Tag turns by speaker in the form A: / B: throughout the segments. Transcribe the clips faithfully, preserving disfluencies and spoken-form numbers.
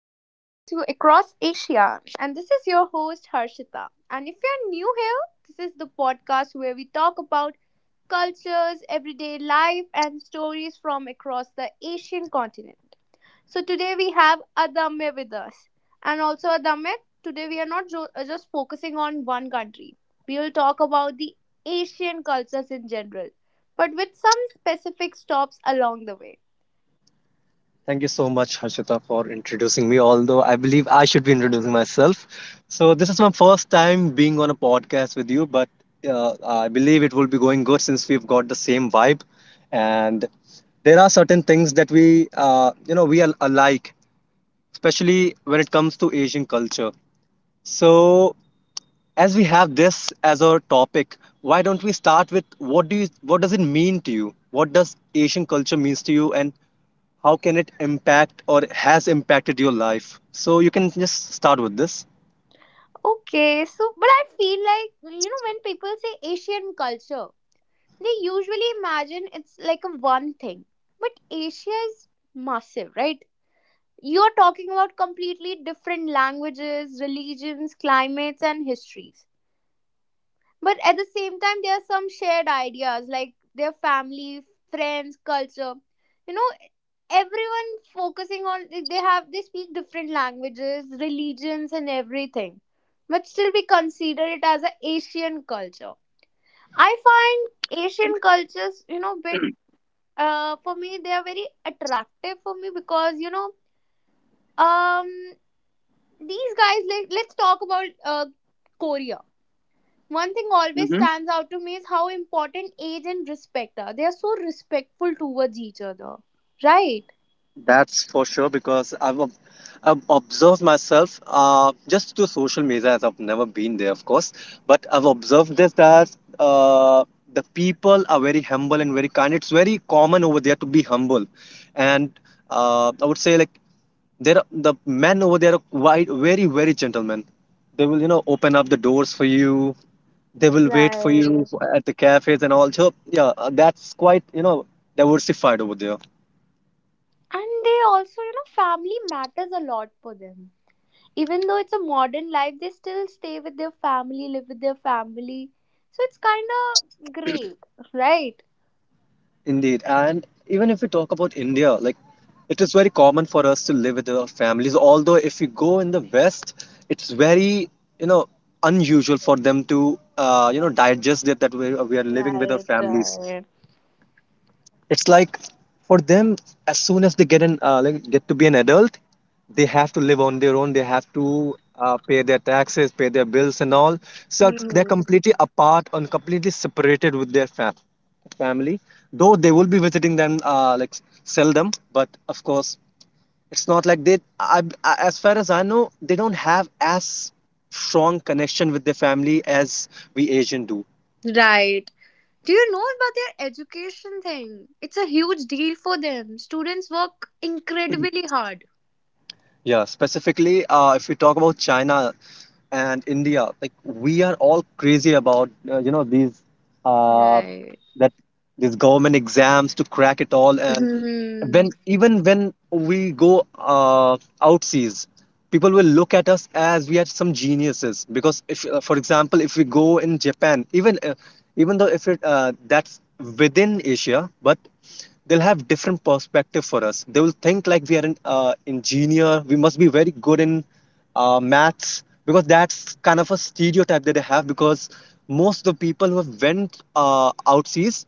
A: welcome back to Across Asia. And this is your host, Harshita. And if you're new here, this is the podcast where we talk about cultures, everyday life, and stories from across the Asian continent. So today we have Adame with us. And also, Adame, today we are not jo- uh, just focusing on one country, we will talk about the Asian cultures in general, but with some specific stops along the way.
B: Thank you so much, Harshita, for introducing me. Although I believe I should be introducing myself. So, this is my first time being on a podcast with you, but uh, I believe it will be going good since we've got the same vibe. And there are certain things that we, uh, you know, we are alike, especially when it comes to Asian culture. So, as we have this as our topic, why don't we start with what do you what does it mean to you, what does Asian culture means to you, and how can it impact or has impacted your life? So you can just start with this.
A: Okay, so but I feel like you know when people say Asian culture, they usually imagine it's like a one thing. But Asia is massive, right? You're talking about completely different languages, religions, climates and histories. But at the same time, there are some shared ideas like their family, friends, culture. You know, everyone focusing on they have they speak different languages, religions, and everything, but still we consider it as an Asian culture. I find Asian cultures, you know, bit uh, for me they are very attractive for me because you know um these guys like let's talk about uh, Korea. One thing always stands out to me is how important age and respect are. They are so respectful towards each other, right?
B: That's for sure because I've, ob- I've observed myself, uh, just to social media, as I've never been there, of course. But I've observed this, that uh, the people are very humble and very kind. It's very common over there to be humble, and uh, I would say like there are, the men over there are quite very very gentlemen. They will, you know, open up the doors for you. They will wait for
A: Right.
B: you at the cafes and all. So yeah, uh, that's quite, you know, diversified over there.
A: And they also, you know, family matters a lot for them. Even though it's a modern life, they still stay with their family, live with their family. So it's kind of great, right?
B: Indeed. And even if we talk about India, like it is very common for us to live with our families. Although if we go in the West, it's very, you know, unusual for them to, uh, you know, digest it that we, we are living with our
A: Right.
B: families.
A: Right.
B: It's like for them, as soon as they get an uh, like get to be an adult, they have to live on their own. They have to uh, pay their taxes, pay their bills, and all. So it's-
A: Hmm.
B: they're completely apart and completely separated with their fam- family. Though they will be visiting them, uh, like, seldom, but of course, it's not like they. I, I, as far as I know, they don't have as strong connection with their family as we Asian do.
A: Right. Do you know about their education thing? It's a huge deal for them. Students work incredibly hard.
B: Yeah, specifically, uh, if we talk about China and India, like we are all crazy about uh, you know these uh,
A: Right.
B: that these government exams to crack it all, and
A: Hmm.
B: when even when we go, uh, outseas, people will look at us as we are some geniuses, because if uh, for example, if we go in Japan, even uh, even though if it uh, that's within Asia, but they'll have different perspective for us. They will think like we are an uh, engineer, we must be very good in uh, maths, because that's kind of a stereotype that they have, because most of the people who have went uh, outseas,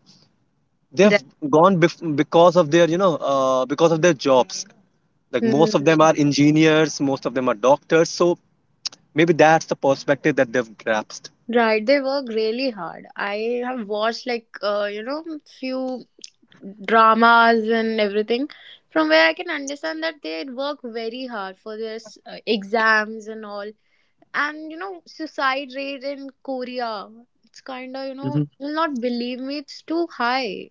B: they've
A: Right.
B: gone bef- because of their, you know, uh, because of their jobs, like most of them
A: Hmm.
B: are engineers, most of them are doctors. So maybe that's the perspective that they've grasped.
A: Right. They work really hard. I have watched like uh, you know few dramas and everything from where I can understand that they work very hard for their s- uh, exams and all. And you know suicide rate in Korea, it's kind of you know
B: hmm
A: you'll not believe me. It's too high.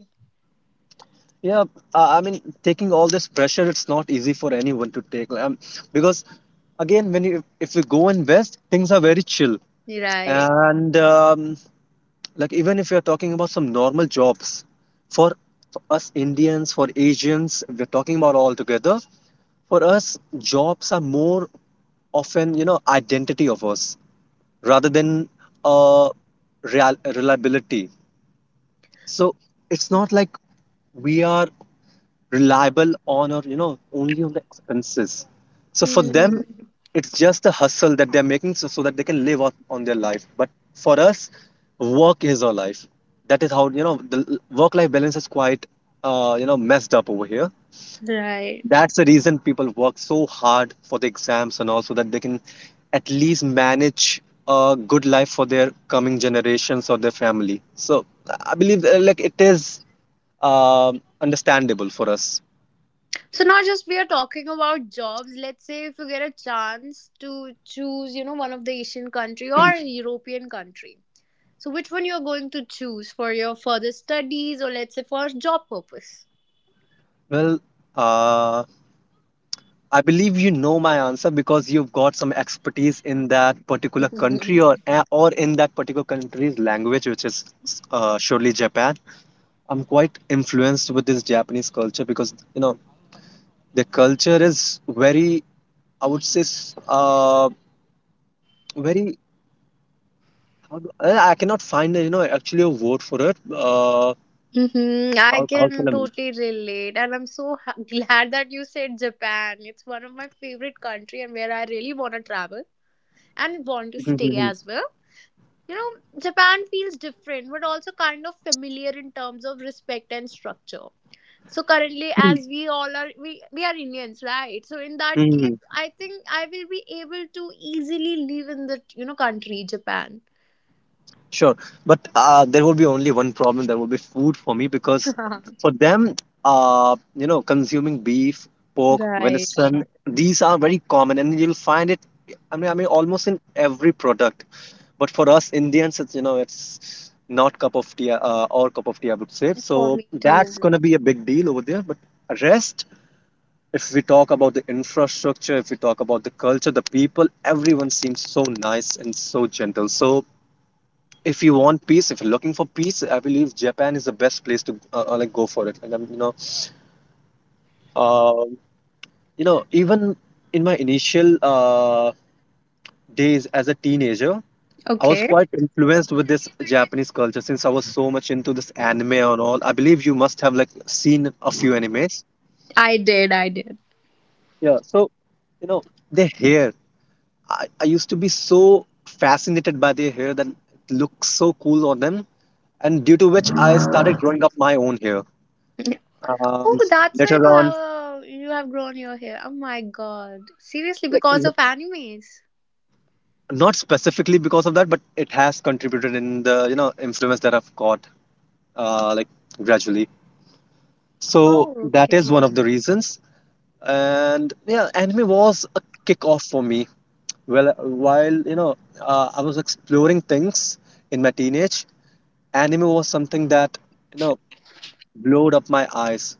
B: Yeah, I I mean, taking all this pressure, it's not easy for anyone to take. Um, because again, when you if we go in West, things are very chill,
A: Right.
B: and um, like even if we are talking about some normal jobs, for for us Indians, for Asians, if we're talking about all together, for us jobs are more often, you know, identity of us rather than uh, real- reliability. So it's not like we are reliable on, or you know, only on the expenses. So for them,
A: Hmm.
B: it's just a hustle that they're making, so, so that they can live on, on their life. But for us, work is our life. That is how, you know, the work life balance is quite, uh, you know, messed up over here.
A: Right.
B: That's the reason people work so hard for the exams, and also that they can at least manage a good life for their coming generations or their family. So I believe, uh, like it is, um, understandable for us.
A: So not just we are talking about jobs. Let's say if you get a chance to choose, you know, one of the Asian country or a European country. So which one you are going to choose for your further studies or let's say for job purpose?
B: Well, uh, I believe you know my answer, because you've got some expertise in that particular country, or uh, or in that particular country's language, which is, uh, surely Japan. I'm quite influenced with this Japanese culture because, you know, the culture is very, I would say, s- uh, very. how do- uh, I cannot find, you know, actually a word for it. Uh,
A: Hmm, I
B: how, how
A: can totally relate, and I'm so ha- glad that you said Japan. It's one of my favorite country, and where I really want to travel and want to stay
B: can
A: as well. You know, Japan feels different, but also kind of familiar in terms of respect and structure. So currently, as we all are, we we are Indians, right? So in that
B: I?
A: case, I think I will be able to easily live in the you know country, Japan.
B: Sure, but uh, there will be only one problem. There will be food for me, because for them, uh, you know, consuming beef, pork,
A: Right.
B: venison, these are very common, and you'll find it. I mean, I mean, almost in every product. But for us Indians, it's, you know, it's not cup of tea, uh, or cup of tea, I would say.
A: For
B: So
A: me
B: that's
A: too.
B: gonna be a big deal over there. But rest, if we talk about the infrastructure, if we talk about the culture, the people, everyone seems so nice and so gentle. So if you want peace, if you're looking for peace, I believe Japan is the best place to uh, uh, like go for it. Like I'm, you know, um, you know, even in my initial uh, days as a teenager, I was
A: Okay.
B: quite influenced with this Japanese culture, since I was so much into this anime and all. I believe you must have like seen a few animes.
A: I did. I did.
B: Yeah, so you know, their hair. I, I used to be so fascinated by their hair, that it looks so cool on them, and due to which I started growing up my own hair. um,
A: Oh, that's why
B: Later
A: you have
B: on,
A: a, you have grown your hair. Oh my god! Seriously,
B: like
A: because
B: n-
A: of animes.
B: not specifically because of that, but it has contributed in the, you know, influence that I've got, uh, like, gradually. So
A: Oh,
B: that
A: okay.
B: is one of the reasons. And yeah, anime was a kickoff for me. Well, while you know, uh, I was exploring things in my teenage, anime was something that, you know, blowed up my eyes.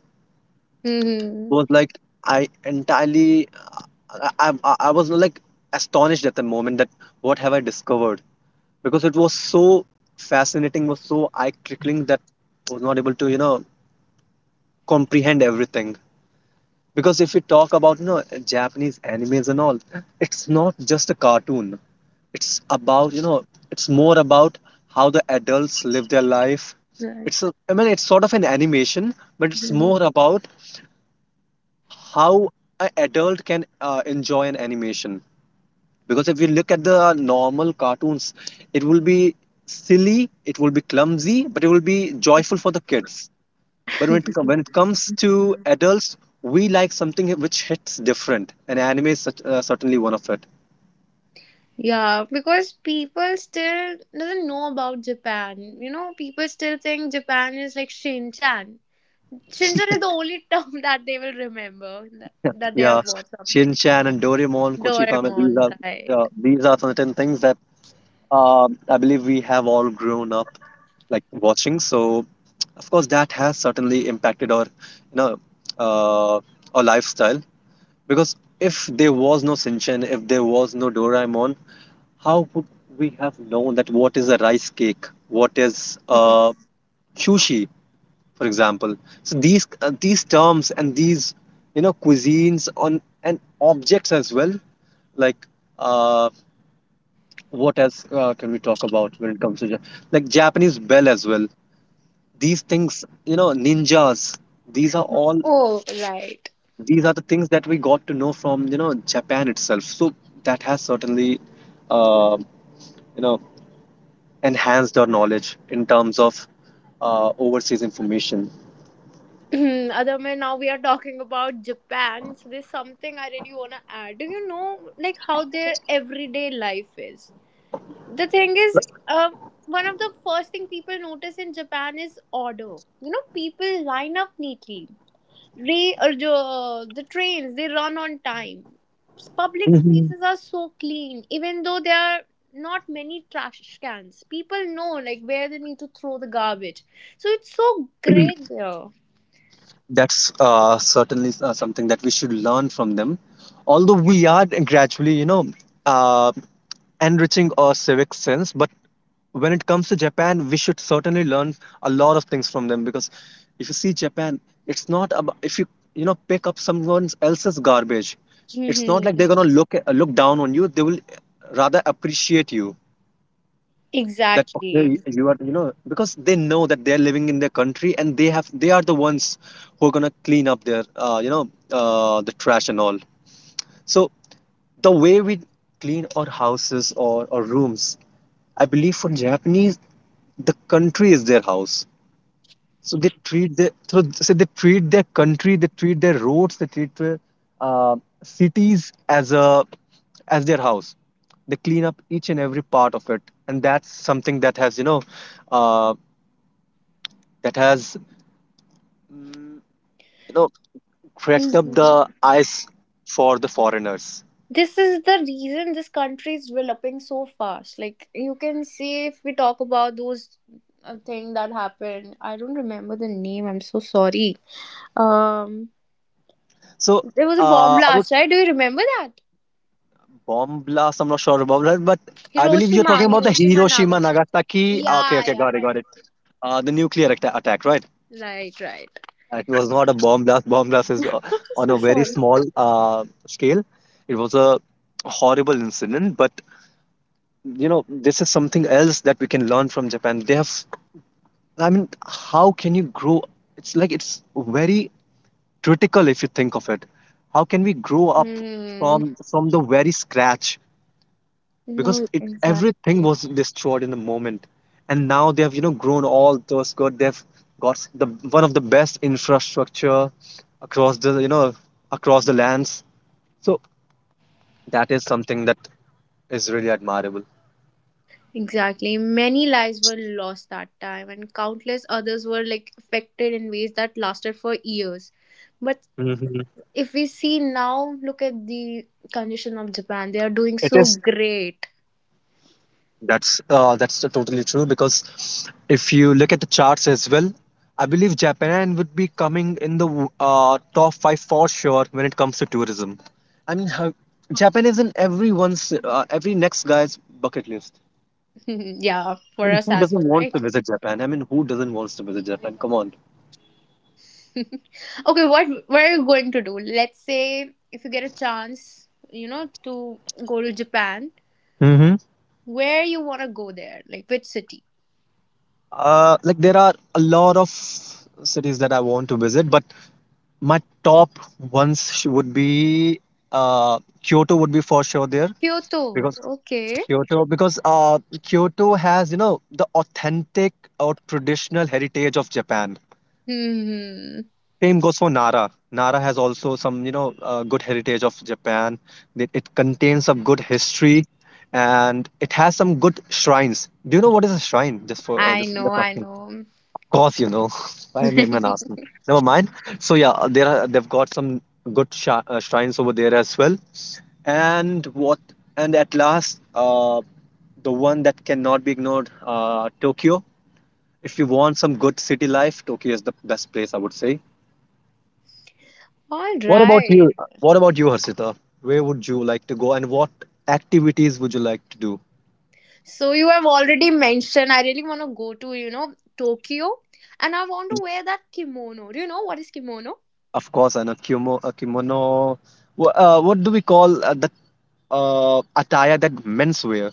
A: Hmm.
B: Was like, I entirely, I, I I I was like astonished at the moment that what have I discovered, because it was so fascinating, was so eye trickling, that I was not able to, you know, comprehend everything. Because if we talk about, you know, Japanese animes and all, it's not just a cartoon. It's about, you know, it's more about how the adults live their life.
A: Right.
B: It's a, I mean, it's sort of an animation, but it's more about how an adult can, uh, enjoy an animation. Because if you look at the normal cartoons, it will be silly, it will be clumsy, but it will be joyful for the kids. But when it, com- when it comes to adults, we like something which hits different, and anime is such, uh, certainly one of it.
A: Yeah, because people still doesn't know about Japan. You know, people still think Japan is like Shinchan. Shinchan is the only term that they will remember that, that they
B: Yeah,
A: have bought something.
B: Shin Chan and Doraemon, Kochikame, these
A: Doraemon,
B: are,
A: right?
B: yeah, these are certain things that, um, I believe we have all grown up like watching. So, of course, that has certainly impacted our, you know, uh, our lifestyle. Because if there was no Shin Chan, if there was no Doraemon, how would we have known that what is a rice cake, what is, uh, sushi, for example. So these uh, these terms and these, you know, cuisines on and objects as well, like, uh, what else uh, can we talk about when it comes to Ja- like Japanese bell as well. These things, you know, ninjas. These are all
A: Oh, right.
B: these are the things that we got to know from, you know, Japan itself. So that has certainly, uh, you know, enhanced our knowledge in terms of, uh, overseas information.
A: Other than now we are talking about Japan. So there's something I really wanna add. Do you know like how their everyday life is? The thing is, um one of the first thing people notice in Japan is order. You know, people line up neatly. Re or the, the trains they run on time, public spaces are so clean even though there are not many trash cans, people know like where they need to throw the garbage. So it's so great there.
B: That's, uh, certainly, uh, something that we should learn from them. Although we are gradually, you know, uh, enriching our civic sense, but when it comes to Japan, we should certainly learn a lot of things from them. Because if you see Japan, it's not about if you, you know, pick up someone else's garbage, it's not like they're
A: Hmm.
B: gonna look look down on you. They will rather appreciate you, that okay,
A: Exactly.
B: you are, you know, because they know that they're living in their country, and they have they are the ones who are gonna clean up their, uh, you know, uh, the trash and all. So the way we clean our houses or our rooms, I believe for Japanese, the country is their house. So they treat their, so, so they treat their country, they treat their roads, they treat their, uh, cities, as a as their house. They clean up each and every part of it, and that's something that has, you know, uh, that has you know, cracked up the eyes for the foreigners.
A: This is the reason this country is developing so fast. Like you can see if we talk about those uh, thing that happened. I don't remember the name, I'm so sorry. Um,
B: So
A: there was a bomb
B: uh, about
A: blast, right? Do you remember that?
B: bomb blast, I'm not sure about that, but I believe you're
A: hiroshima
B: talking about the
A: Hiroshima
B: Hiroshima
A: Nagasaki.
B: Nagasaki. Okay,
A: Yeah,
B: okay,
A: yeah,
B: got it, got it.
A: right.
B: Uh, the nuclear atta- attack, right?
A: Right, right.
B: It was not a bomb blast. Bomb blast is, uh, on
A: So
B: a very
A: sorry.
B: small uh, scale. It was a horrible incident, but you know, this is something else that we can learn from Japan. They have, I mean, how can you grow? It's like it's very critical if you think of it. How can we grow up
A: Hmm.
B: from from the very scratch?
A: No,
B: Because it
A: exactly.
B: everything was destroyed in the moment, and now they have, you know, grown all those good they've got the one of the best infrastructure across the, you know, across the lands. So that is something that is really admirable.
A: Exactly. Many lives were lost that time, and countless others were like affected in ways that lasted for years. But
B: Mhm.
A: if we see now, look at the condition of Japan. They are doing
B: It
A: so
B: is.
A: great.
B: That's uh, that's totally true because if you look at the charts as well, I believe Japan would be coming in the uh, top five for sure when it comes to tourism. I mean, how, Japan is in everyone's, uh, every next guy's bucket list.
A: Yeah, for
B: I mean,
A: us
B: who
A: as
B: doesn't
A: well,
B: want
A: right?
B: to visit Japan? I mean, who doesn't wants to visit Japan? Come on.
A: Okay, what what are you going to do? Let's say if you get a chance, you know, to go to Japan,
B: Mm-hmm.
A: where you want to go there? Like which city?
B: Uh, like there are a lot of cities that I want to visit, but my top ones sh- would be uh, Kyoto would be for sure there
A: Kyoto.
B: because.
A: Okay.
B: Kyoto, because uh, Kyoto has, you know, the authentic or traditional heritage of Japan.
A: Hmm.
B: Same goes for Nara. Nara has also some, you know, uh, good heritage of Japan. It, it contains some good history, and it has some good shrines. Do you know what is a shrine? Just for uh,
A: I
B: just,
A: know,
B: just
A: I
B: asking
A: know.
B: course, you know. Why am I even asking? Never mind. So yeah, uh, there are they've got some good sh- uh, shrines over there as well. And what? And at last, uh, the one that cannot be ignored, uh, Tokyo. If you want some good city life, Tokyo is the best place, I would say.
A: All
B: What about
A: right.
B: you? What about you, Harshita? Where would you like to go, and what activities would you like to do?
A: So you have already mentioned I really want to go to, you know, Tokyo and I want to wear that kimono. Do you know what is kimono?
B: Of course, and a kimono, a kimono. Wha- Uh, what do we call uh, that uh, attire? That menswear.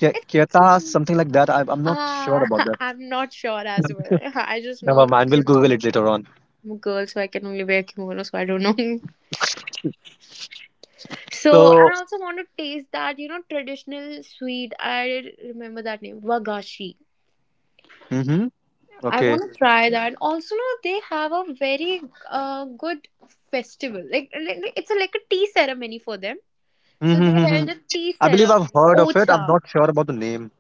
B: Ke-
A: It's
B: Keta,
A: um,
B: something like that. I'm, I'm not sure
A: uh
B: about that.
A: I'm not sure as well. I just
B: Never
A: know
B: mind. We'll Google
A: kimono.
B: it later on.
A: I'm a girl, so I can only wear kimono, so I don't know. So and
B: So,
A: I also want to taste that, you know, traditional sweet. I remember that name, wagashi.
B: hmm,
A: I
B: okay.
A: want to try that. Also, no, they have a very uh, good festival. Like, like like, it's a, like a tea ceremony for them. So they
B: Mm-hmm.
A: held a tea
B: I believe I've
A: ceremony.
B: heard of it. I'm
A: Ocha.
B: not sure about the name.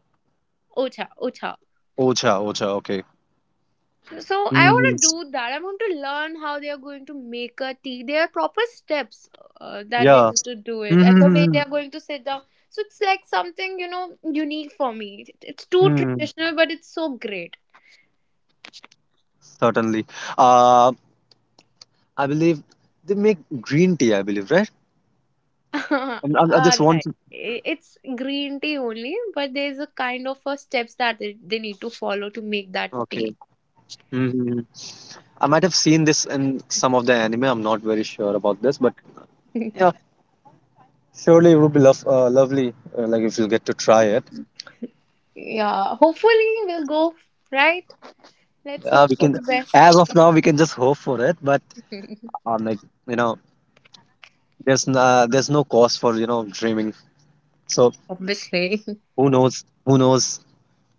A: Ocha. Ocha.
B: Ocha, Ocha. Okay.
A: So I want
B: Mm,
A: to do that. I want to learn how they are going to make a tea. There are proper steps uh, that they
B: yeah.
A: need to do it and the way they
B: Mm-hmm.
A: are going to sit down. So it's like something, you know, unique for me. It- It's too
B: Mm,
A: traditional, but it's so great.
B: certainly. Uh, I believe they make green tea. I believe, right? I i I just
A: All right.
B: want.
A: I-
B: To.
A: It's green tea only, but there's a kind of a steps that they they need to follow to make that tea.
B: Okay. Mm-hmm. I might have seen this in some of the anime. I'm not very sure about this, but yeah, surely it would be lov uh, lovely, uh, like if you get to try it.
A: Yeah, hopefully we'll go, right? Let's
B: Uh,
A: hope
B: we
A: for the
B: can,
A: best.
B: as of now, we can just hope for it. But um, like, you know, there's no, there's no cause for, you know, dreaming. So
A: Obviously,
B: who knows? Who knows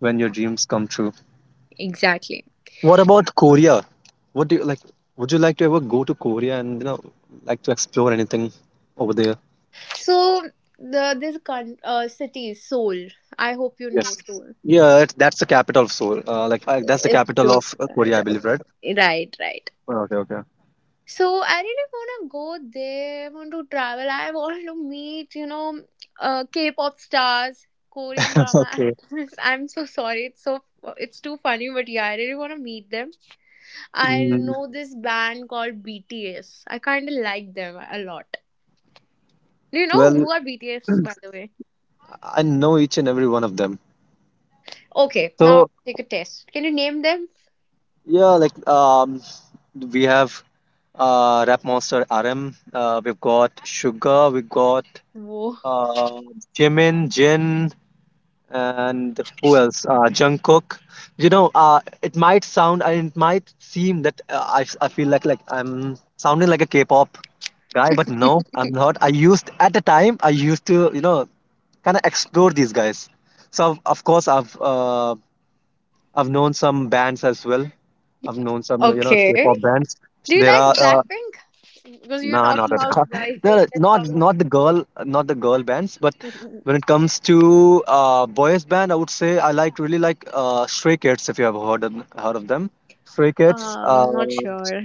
B: when your dreams come true?
A: exactly.
B: What about Korea? What do you like? Would you like to ever go to Korea and, you know, like to explore anything over there?
A: So the this con- uh, city is Seoul. I hope you know
B: Yes.
A: Seoul.
B: Yeah, it, that's the capital of Seoul. Uh, like uh, that's the
A: It's
B: capital
A: so
B: of uh, Korea, I
A: good.
B: believe, right?
A: Right, right.
B: Oh, okay, okay.
A: So I really wanna go there. I want to travel. I want to meet, you know, uh, K-pop stars, Korean drama
B: Okay.
A: actors. I'm so sorry. It's so it's too funny, but yeah, I really wanna meet them. I
B: Mm,
A: know this band called B T S. I kind of like them a lot. Do you know
B: well,
A: who are B T S, by the way?
B: I know each and every one of them.
A: Okay, now
B: So
A: take a test. Can you name them?
B: yeah, like um, we have uh, Rap Monster R M. Uh, we've got Sugar. We've got
A: Whoa.
B: uh, Jimin, Jin, and who else? Uh, Jungkook. You know, uh, it might sound and it might seem that uh, I, I feel like like I'm sounding like a K-pop guy, but no, I'm not. I used at the time I used to, you know, kind of explore these guys. So of of course I've uh, I've known some bands as well. I've known some, you know,
A: Okay.
B: K-pop bands.
A: Do you
B: There are.
A: like
B: Uh.
A: Blackpink? Because you're
B: No, not
A: talking
B: at
A: about
B: all.
A: guys,
B: No, no,
A: then let's
B: not
A: talk about.
B: not the girl, not the girl bands. But when it comes to uh, boys band, I would say I like really like uh, Stray Kids. If you have heard of, heard of them, Stray Kids
A: Um,
B: uh,
A: not sure.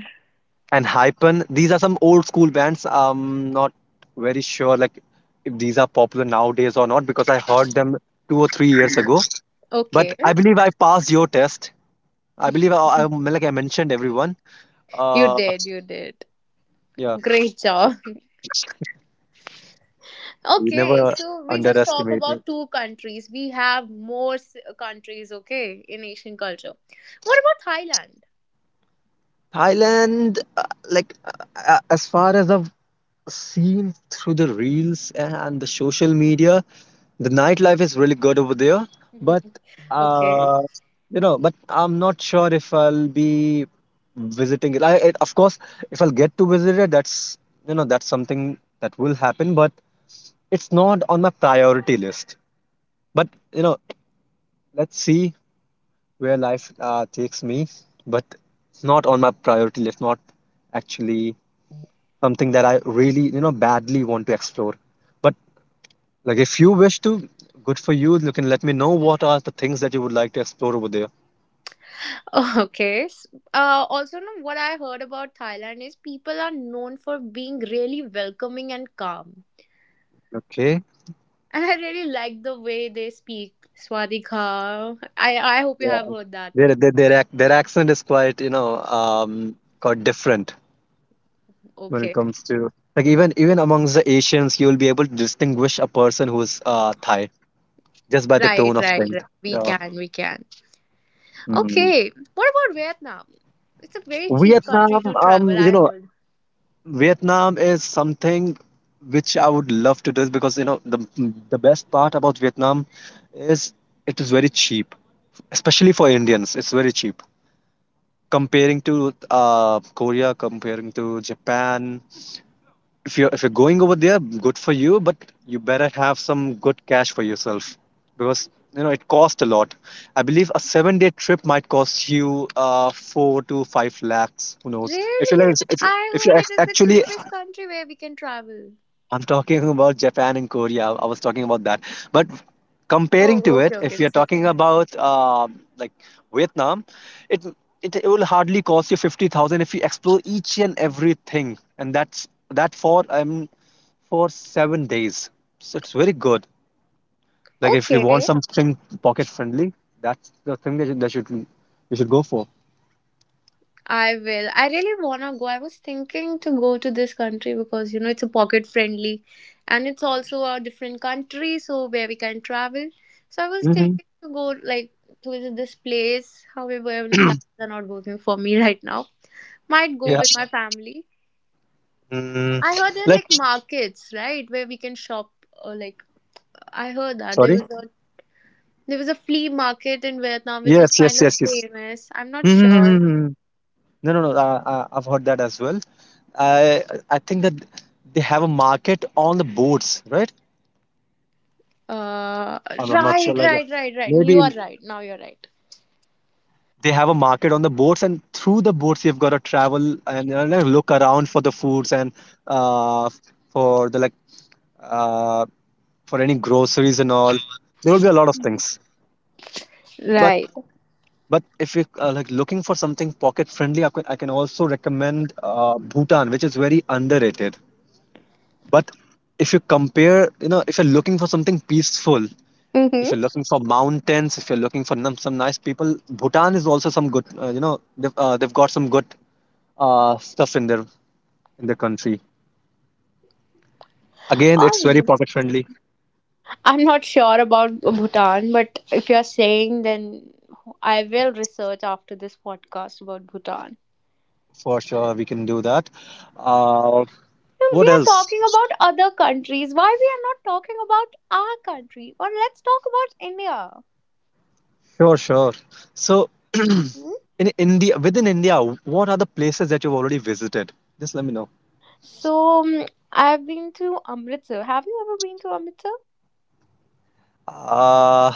B: and Hypen. These are some old school bands. I'm not very sure like if these are popular nowadays or not because I heard them two or three years ago. But
A: Okay,
B: I believe I passed your test. I believe I, I like I mentioned everyone.
A: you
B: Uh,
A: did, you did.
B: yeah,
A: Great job.
B: you
A: Okay,
B: never
A: so we just talk
B: underestimate
A: about two countries. We have more s- countries, okay, in Asian culture. What about
B: Thailand, uh, like uh, uh, as far as I've seen through the reels and the social media, the nightlife is really good over there.
A: Thailand?
B: But
A: Okay.
B: uh, you know, but I'm not sure if I'll be visiting it. I, it, of course, if I'll get to visit it, that's, you know, that's something that will happen. But it's not on my priority list. But you know, let's see where life uh, takes me. But not on my priority list. Not actually something that I really, you know, badly want to explore. But like if you wish to, good for you. You can let me know what are the things that you would like to explore over there.
A: Okay. s- Uh, also, no, what I heard about Thailand is people are known for being really welcoming and calm.
B: Okay.
A: And I really like the way they speak. Swadika. I, I hope you
B: Yeah.
A: have heard that.
B: Their their their, ac- their accent is quite, you know, um, quite different when it
A: Okay.
B: comes to like even even amongst the Asians, you'll be able to distinguish a person who's uh Thai just by the tone
A: Right,
B: of
A: right,
B: strength.
A: right. We
B: Yeah.
A: can, we can.
B: Mm.
A: Okay. What about Vietnam? It's a very cheap
B: Vietnam,
A: country to travel,
B: um, you
A: I
B: know,
A: heard.
B: Vietnam is something which I would love to do because you know the the best part about Vietnam is it is very cheap, especially for Indians. It's very cheap comparing to uh, Korea, comparing to Japan. If you're if you're going over there, good for you, but you better have some good cash for yourself because you know it costs a lot. I believe a seven day trip might cost you uh, four to five lakhs. Who knows? If you're
A: Really?
B: like, if you if
A: I
B: you're
A: heard it
B: ac-
A: is the
B: actually
A: cheapest country where we can travel.
B: I'm talking about Japan and Korea. I was talking about that. But comparing
A: Oh,
B: to
A: okay,
B: it,
A: okay.
B: if you're
A: It's so
B: talking
A: fun.
B: about uh, like Vietnam, it, it it will hardly cost you fifty thousand if you explore each and everything, and that's that for um for seven days. So it's very good. Like if you want
A: Okay.
B: something pocket friendly, that's the thing that you, that should you should go for.
A: I will. I really wanna go. I was thinking to go to this country because you know it's a pocket friendly and it's also a different country so where we can travel. So I was
B: Hmm.
A: thinking to go like to visit this place. However, plans are not working for me right now. Might go
B: Yeah.
A: with my family.
B: Mm,
A: I heard there are
B: like,
A: like markets, right, where we can shop or like I heard that there
B: sorry.
A: was a there was a flea market in Vietnam which is
B: Yes.
A: kind
B: Yes.
A: of
B: Yes. Yes.
A: famous. I'm not sure.
B: Mm-hmm. No, no, no. Uh, uh, I've heard that as well. I I think that they have a market on the boats, right?
A: Uh,
B: I'm, I'm not
A: right,
B: sure. Like uh,
A: right, right, right. You
B: maybe
A: are right. Now you're right.
B: they have a market on the boats, and through the boats you've got to travel and uh, like, look around for the foods and uh, for the like uh, for any groceries and all. There will be a lot of things. But
A: Right.
B: but if you are like looking for something pocket friendly, I can, I can also recommend uh, Bhutan, which is very underrated. But if you compare, you know, if you're looking for something peaceful,
A: Mm-hmm.
B: if you're looking for mountains, if you're looking for num- some nice people, Bhutan is also some good. Uh, you know, they've uh, they've got some good uh, stuff in their in their country. Again, it's very
A: Or
B: pocket friendly
A: I'm not sure about Bhutan, but if you're saying, then I will research after this podcast about Bhutan.
B: for sure. We can do that. Uh, what
A: We are
B: else?
A: talking about other countries. Why we are not talking about our country? Or let's talk about India.
B: Sure, sure. So,
A: Mhm.
B: in India, within India, what are the places that you've already visited? Just let me know.
A: So um, I've been to Amritsar. Have you ever been to Amritsar?
B: Uh,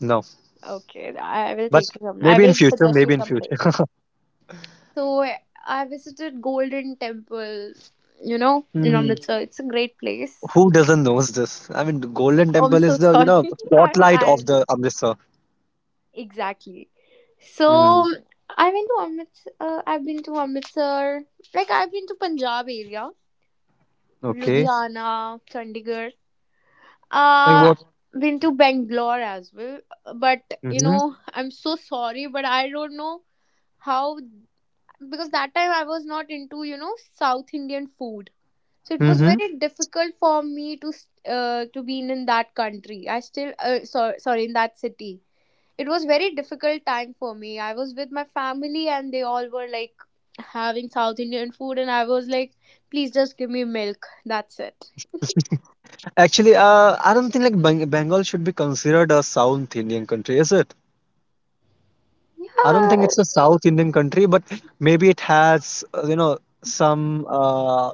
B: no,
A: Okay, I will
B: but
A: take you. some- I
B: maybe in
A: will
B: future,
A: suggest you
B: maybe in
A: some
B: future.
A: places. So I visited Golden Temple, you know, in Mm.
B: Mhm.
A: Amritsar. It's a great place.
B: Who doesn't knows this? I mean, the Golden
A: I'm
B: Temple is
A: so
B: the, you
A: sorry.
B: know,
A: I know
B: spotlight
A: I
B: of the Amritsar.
A: exactly.
B: Mm.
A: So I went to Amritsar. Uh, I've been to Amritsar. Like I've been to Punjab area,
B: Okay.
A: Ludhiana, Chandigarh.
B: Like
A: Uh,
B: what?
A: been to Bangalore as well. But you
B: Mm-hmm.
A: know, I'm so sorry, but I don't know how because that time I was not into you know South Indian food. So it was
B: Mm-hmm.
A: very difficult for me to s- uh, to be in, in that country. I still uh, so, sorry, in that city it was very difficult time for me. I was with my family and they all were like having South Indian food and I was like please just give me milk, that's it.
B: Actually, uh, I don't think like Bang Bengal should be considered a South Indian country, is it? I don't think
A: Yeah.
B: it's a South Indian country, but maybe it has, uh, you know, some. Uh,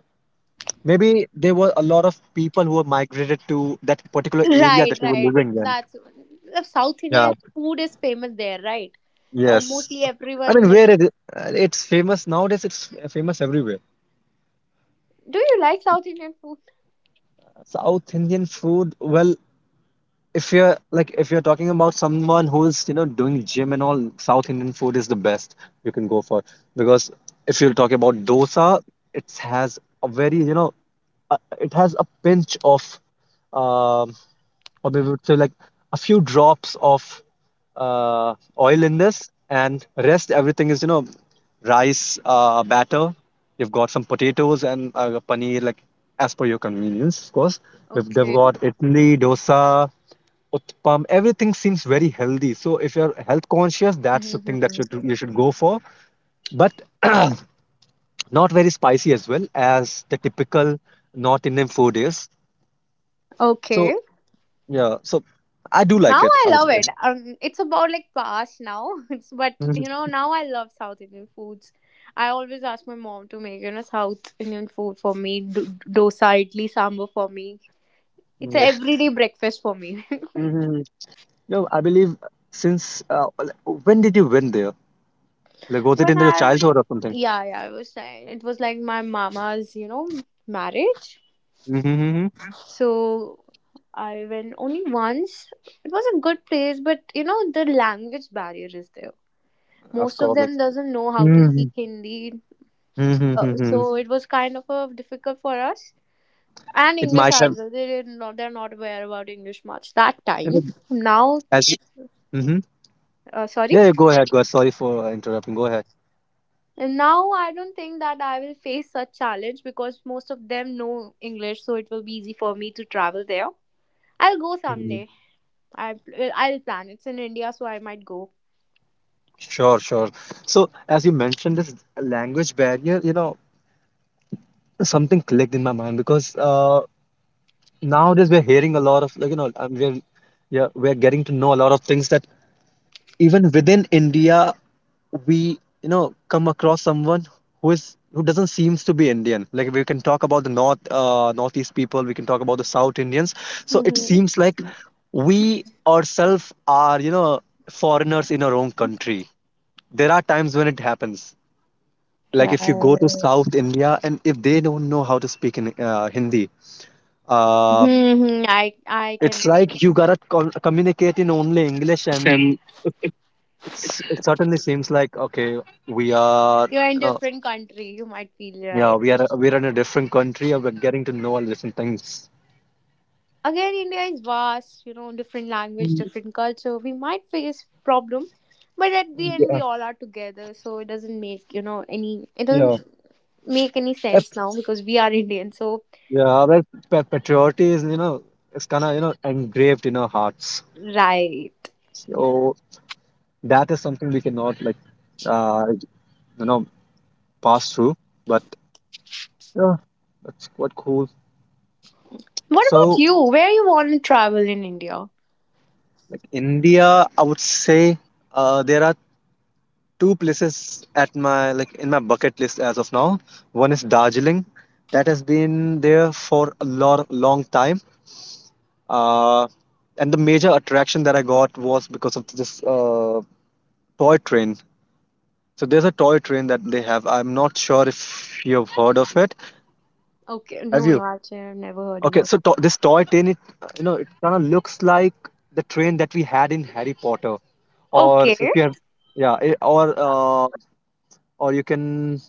B: maybe there were a lot of people who were migrated to that particular area
A: Right,
B: that they were
A: right,
B: living in.
A: that's the South
B: Yeah.
A: Indian food is famous there, right?
B: Yes.
A: Mostly
B: I
A: everyone
B: mean,
A: like
B: where it, uh, it's famous nowadays, it's famous everywhere.
A: do you like South Indian food?
B: South Indian food, well, if you're like if you're talking about someone who's, you know, doing gym and all, South Indian food is the best you can go for. Because if you're talking about dosa, it has a very, you know, uh, it has a pinch of um or we would say like a few drops of uh, oil in this and rest everything is, you know, rice uh, batter. You've got some potatoes and uh, paneer like as per your convenience. Of course, we've, they've
A: Okay.
B: got idli, dosa, utpam. Everything seems very healthy, so if you're health conscious, that's the thing that
A: Hmm.
B: you, you should go for. But not very spicy as well as the typical north indian food is. So
A: Okay.
B: yeah, so I do
A: Now
B: like it,
A: I
B: I would
A: love it. Um, it's about like past now. It's but
B: say.
A: you know now I love South Indian foods. I always ask my mom to make you know South Indian food for me, do- dosa, idli, sambar for me. It's a
B: Yeah.
A: everyday breakfast for me.
B: Hmm. No, I believe since uh, l- when did you win there? Like, was it
A: When
B: in your
A: I
B: childhood or something?
A: yeah yeah I was saying it was like my mama's you know marriage,
B: Mm-hmm.
A: so I went only once. It was a good place, but you know the language barrier is there.
B: Of
A: Most of
B: course, like.
A: them doesn't know how to
B: Mm-hmm.
A: speak Hindi. Uh, so
B: Mm-hmm.
A: it was kind of a difficult for us. And
B: It
A: English
B: might have.
A: as well. They did not, they're not aware about English much that
B: You know,
A: time. Now,
B: as. Mm-hmm.
A: uh, sorry.
B: Yeah, yeah, go ahead. Go ahead. Sorry for uh, interrupting. Go ahead.
A: And now I don't think that I will face such challenge because most of them know English, so it will be easy for me to travel there. I'll go
B: Hmm.
A: someday. I well, I'll plan. It's in India, so I might go.
B: Sure, sure. So, as you mentioned, this language barrier, you know, something clicked in my mind because uh, nowadays we're hearing a lot of, like, you know, um, we're, yeah, we're getting to know a lot of things that even within India, we you know come across someone who is who doesn't seems to be Indian. Like we can talk about the north uh, northeast people, we can talk about the South Indians. So it
A: Mm-hmm.
B: seems like we ourselves are you know foreigners in our own country. There are times when it happens. Like if you go to
A: Right.
B: South India and if they don't know how to speak in uh, Hindi, uh,
A: Hmm, I I can
B: it's like you
A: understand.
B: gotta con- communicate in only English. And
A: And
B: It's, it certainly seems like okay, we are
A: you're in
B: you know
A: different country. You might feel
B: yeah,
A: right.
B: we are we're in a different country and we're getting to know all different things.
A: Again, India is vast, you know, different language,
B: Mm,
A: different culture, we might face problem, but at the end we
B: Yeah,
A: all are together so it doesn't make you know any, it
B: yeah.
A: doesn't make any sense
B: It's-
A: now because we are Indian. So
B: yeah. Well, pa- patriarchy is, you know it's kind of, you know engraved in our hearts.
A: right,
B: So that is something we cannot, like, uh you know pass through. But yeah, that's quite cool.
A: what about
B: So,
A: you, where you want to travel in India?
B: like, India, I would say uh there are two places at my, like, in my bucket list as of now. One is Darjeeling. That has been there for a lot long time. Uh, and the major attraction that I got was because of this uh, toy train. So there's a toy train that they have. I'm not sure if you've heard of it.
A: Okay, no
B: Have you?
A: no, actually I've never heard
B: Okay,
A: about
B: so
A: it.
B: to- this toy train, it, uh, you know, it kind of looks like the train that we had in Harry Potter, or if
A: Okay.
B: you have, yeah, i- or uh, or you can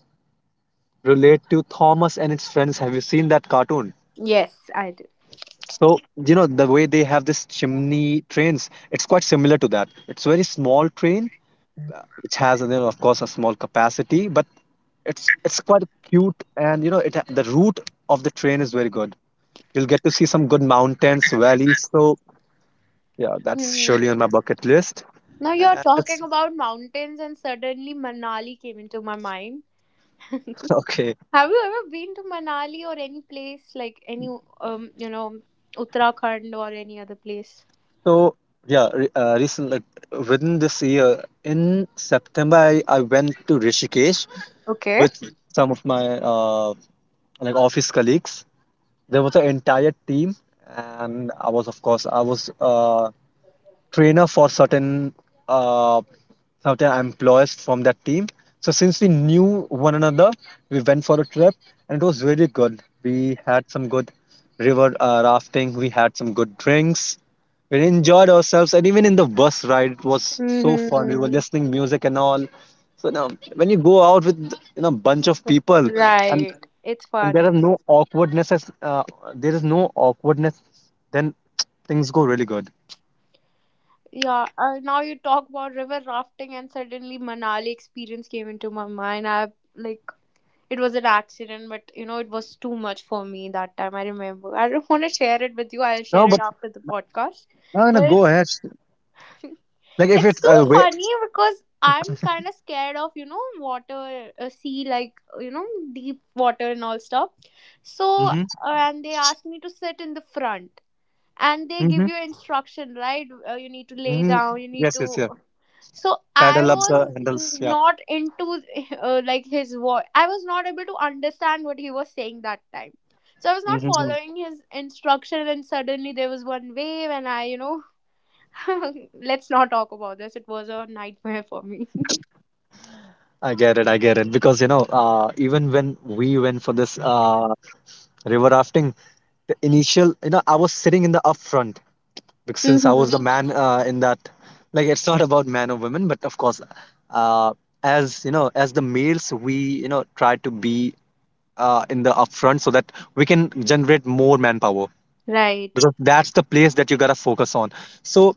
B: relate to Thomas and its friends. Have you seen that cartoon?
A: Yes I do.
B: So, you know, the way they have this chimney trains, it's quite similar to that. It's very small train, which has, you know, of course, a small capacity, but it's it's quite cute, and you know it, the route of the train is very good. You'll get to see some good mountains, valleys. So yeah, that's
A: Hmm.
B: surely on my bucket list.
A: Now you're
B: And it's-
A: talking about mountains, and suddenly Manali came into my mind. Have you
B: okay,
A: ever been to Manali or any place like any um you know Uttarakhand or any other place?
B: so yeah, re- uh, recently within this year in September, I, I went to Rishikesh
A: Okay.
B: with some of my uh, like office colleagues. There was an entire team, and I was, of course, I was uh, trainer for certain uh, certain employees from that team. So since we knew one another, we went for a trip, and it was really good. We had some good river uh, rafting. We had some good drinks. We enjoyed ourselves, and even in the bus ride, it was so fun. We were
A: Mm-hmm.
B: listening music and all. So now, when you go out with, you know, bunch of people, and
A: Right. It's
B: and there are
A: fun.
B: no awkwardnesses, uh, there is no awkwardness, then things go really good.
A: Yeah. Uh, now you talk about river rafting, and suddenly Manali experience came into my mind. I like it was an accident, but you know it was too much for me that time. I remember. I don't want to share it with you. I'll
B: No,
A: share it
B: but
A: after the podcast.
B: no, no,
A: But
B: go
A: it's
B: ahead. Like if
A: it's
B: it's
A: too
B: a way.
A: funny because I'm kind of scared of you know water, uh, sea, like you know deep water and all stuff. So uh,
B: Mm-hmm.
A: and they asked me to sit in the front, and they give
B: Mm-hmm.
A: you instruction, right? Uh, you need to lay
B: Mm-hmm.
A: down. You need
B: Yes, yes,
A: to.
B: yeah.
A: So I
B: Paddle up the
A: was
B: handles. Yeah.
A: not into uh, like his voice. I was not able to understand what he was saying that time. So I was not
B: Mm-hmm.
A: following his instruction, and suddenly there was one wave, and I, you know, let's not talk about this. It was a nightmare for me.
B: I get it. I get it. Because, you know, uh, even when we went for this uh, river rafting, the initial, you know, I was sitting in the up front because since I was the
A: Hmm.
B: man, uh, in that. Like it's not about man or women, but of course, uh, as you know, as the males, we, you know, try to be uh, in the upfront so that we can generate more manpower,
A: Right.
B: because that's the place that you gotta focus on. So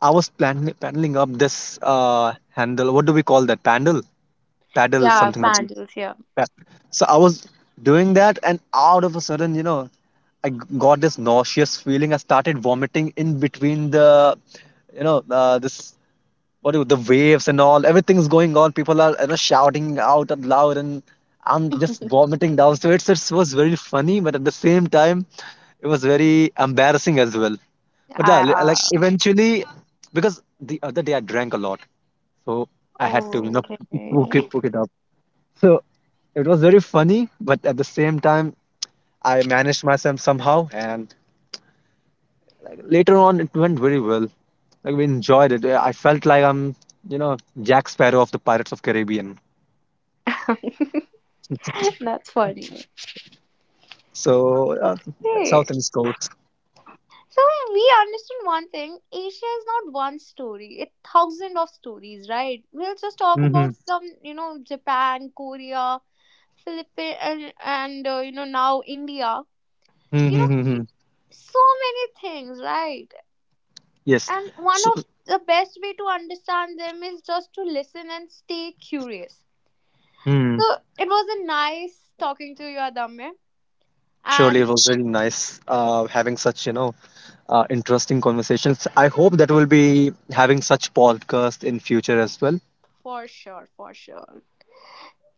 B: I was plan- paddling up this uh, handle. What do we call that? Paddle, paddle,
A: Yeah,
B: something like
A: Vandals, yeah.
B: that. Pa- So I was doing that, and out of a sudden, you know, I g- got this nauseous feeling. I started vomiting in between the, you know, uh, this, what do, the waves and all, everything's going on, people are, you know, shouting out and loud, and I'm just vomiting down. So it's, it was very funny, but at the same time it was very embarrassing as well. But yeah, li- like
A: Ah,
B: eventually, because the other day I drank a lot, so I had to, you know, poke it,
A: okay.
B: poke it up. So it was very funny, but at the same time I managed myself somehow, and later on, it went very well. Like we enjoyed it. I felt like I'm, you know, Jack Sparrow of the Pirates of Caribbean.
A: That's funny.
B: So uh, that's how
A: Okay.
B: things go.
A: So we understand one thing. Asia is not one story. It thousand of stories, right? We'll just talk
B: Mm-hmm.
A: about some, you know, Japan, Korea, Philippines, and, and uh, you know, now India. You know,
B: Mm-hmm.
A: so many things, right?
B: Yes.
A: And one
B: So,
A: of the best way to understand them is just to listen and stay curious.
B: hmm.
A: So it was a nice talking to you, Adamya.
B: Surely it
A: And
B: was really nice uh, having such, you know, uh, interesting conversations. I hope that we'll be having such podcast in future as well.
A: for sure, for sure.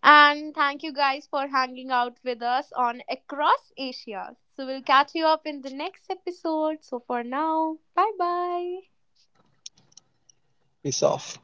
A: And thank you guys for hanging out with us on Across Asia. So we'll catch you up in the next episode. So for now, bye bye.
B: Peace off.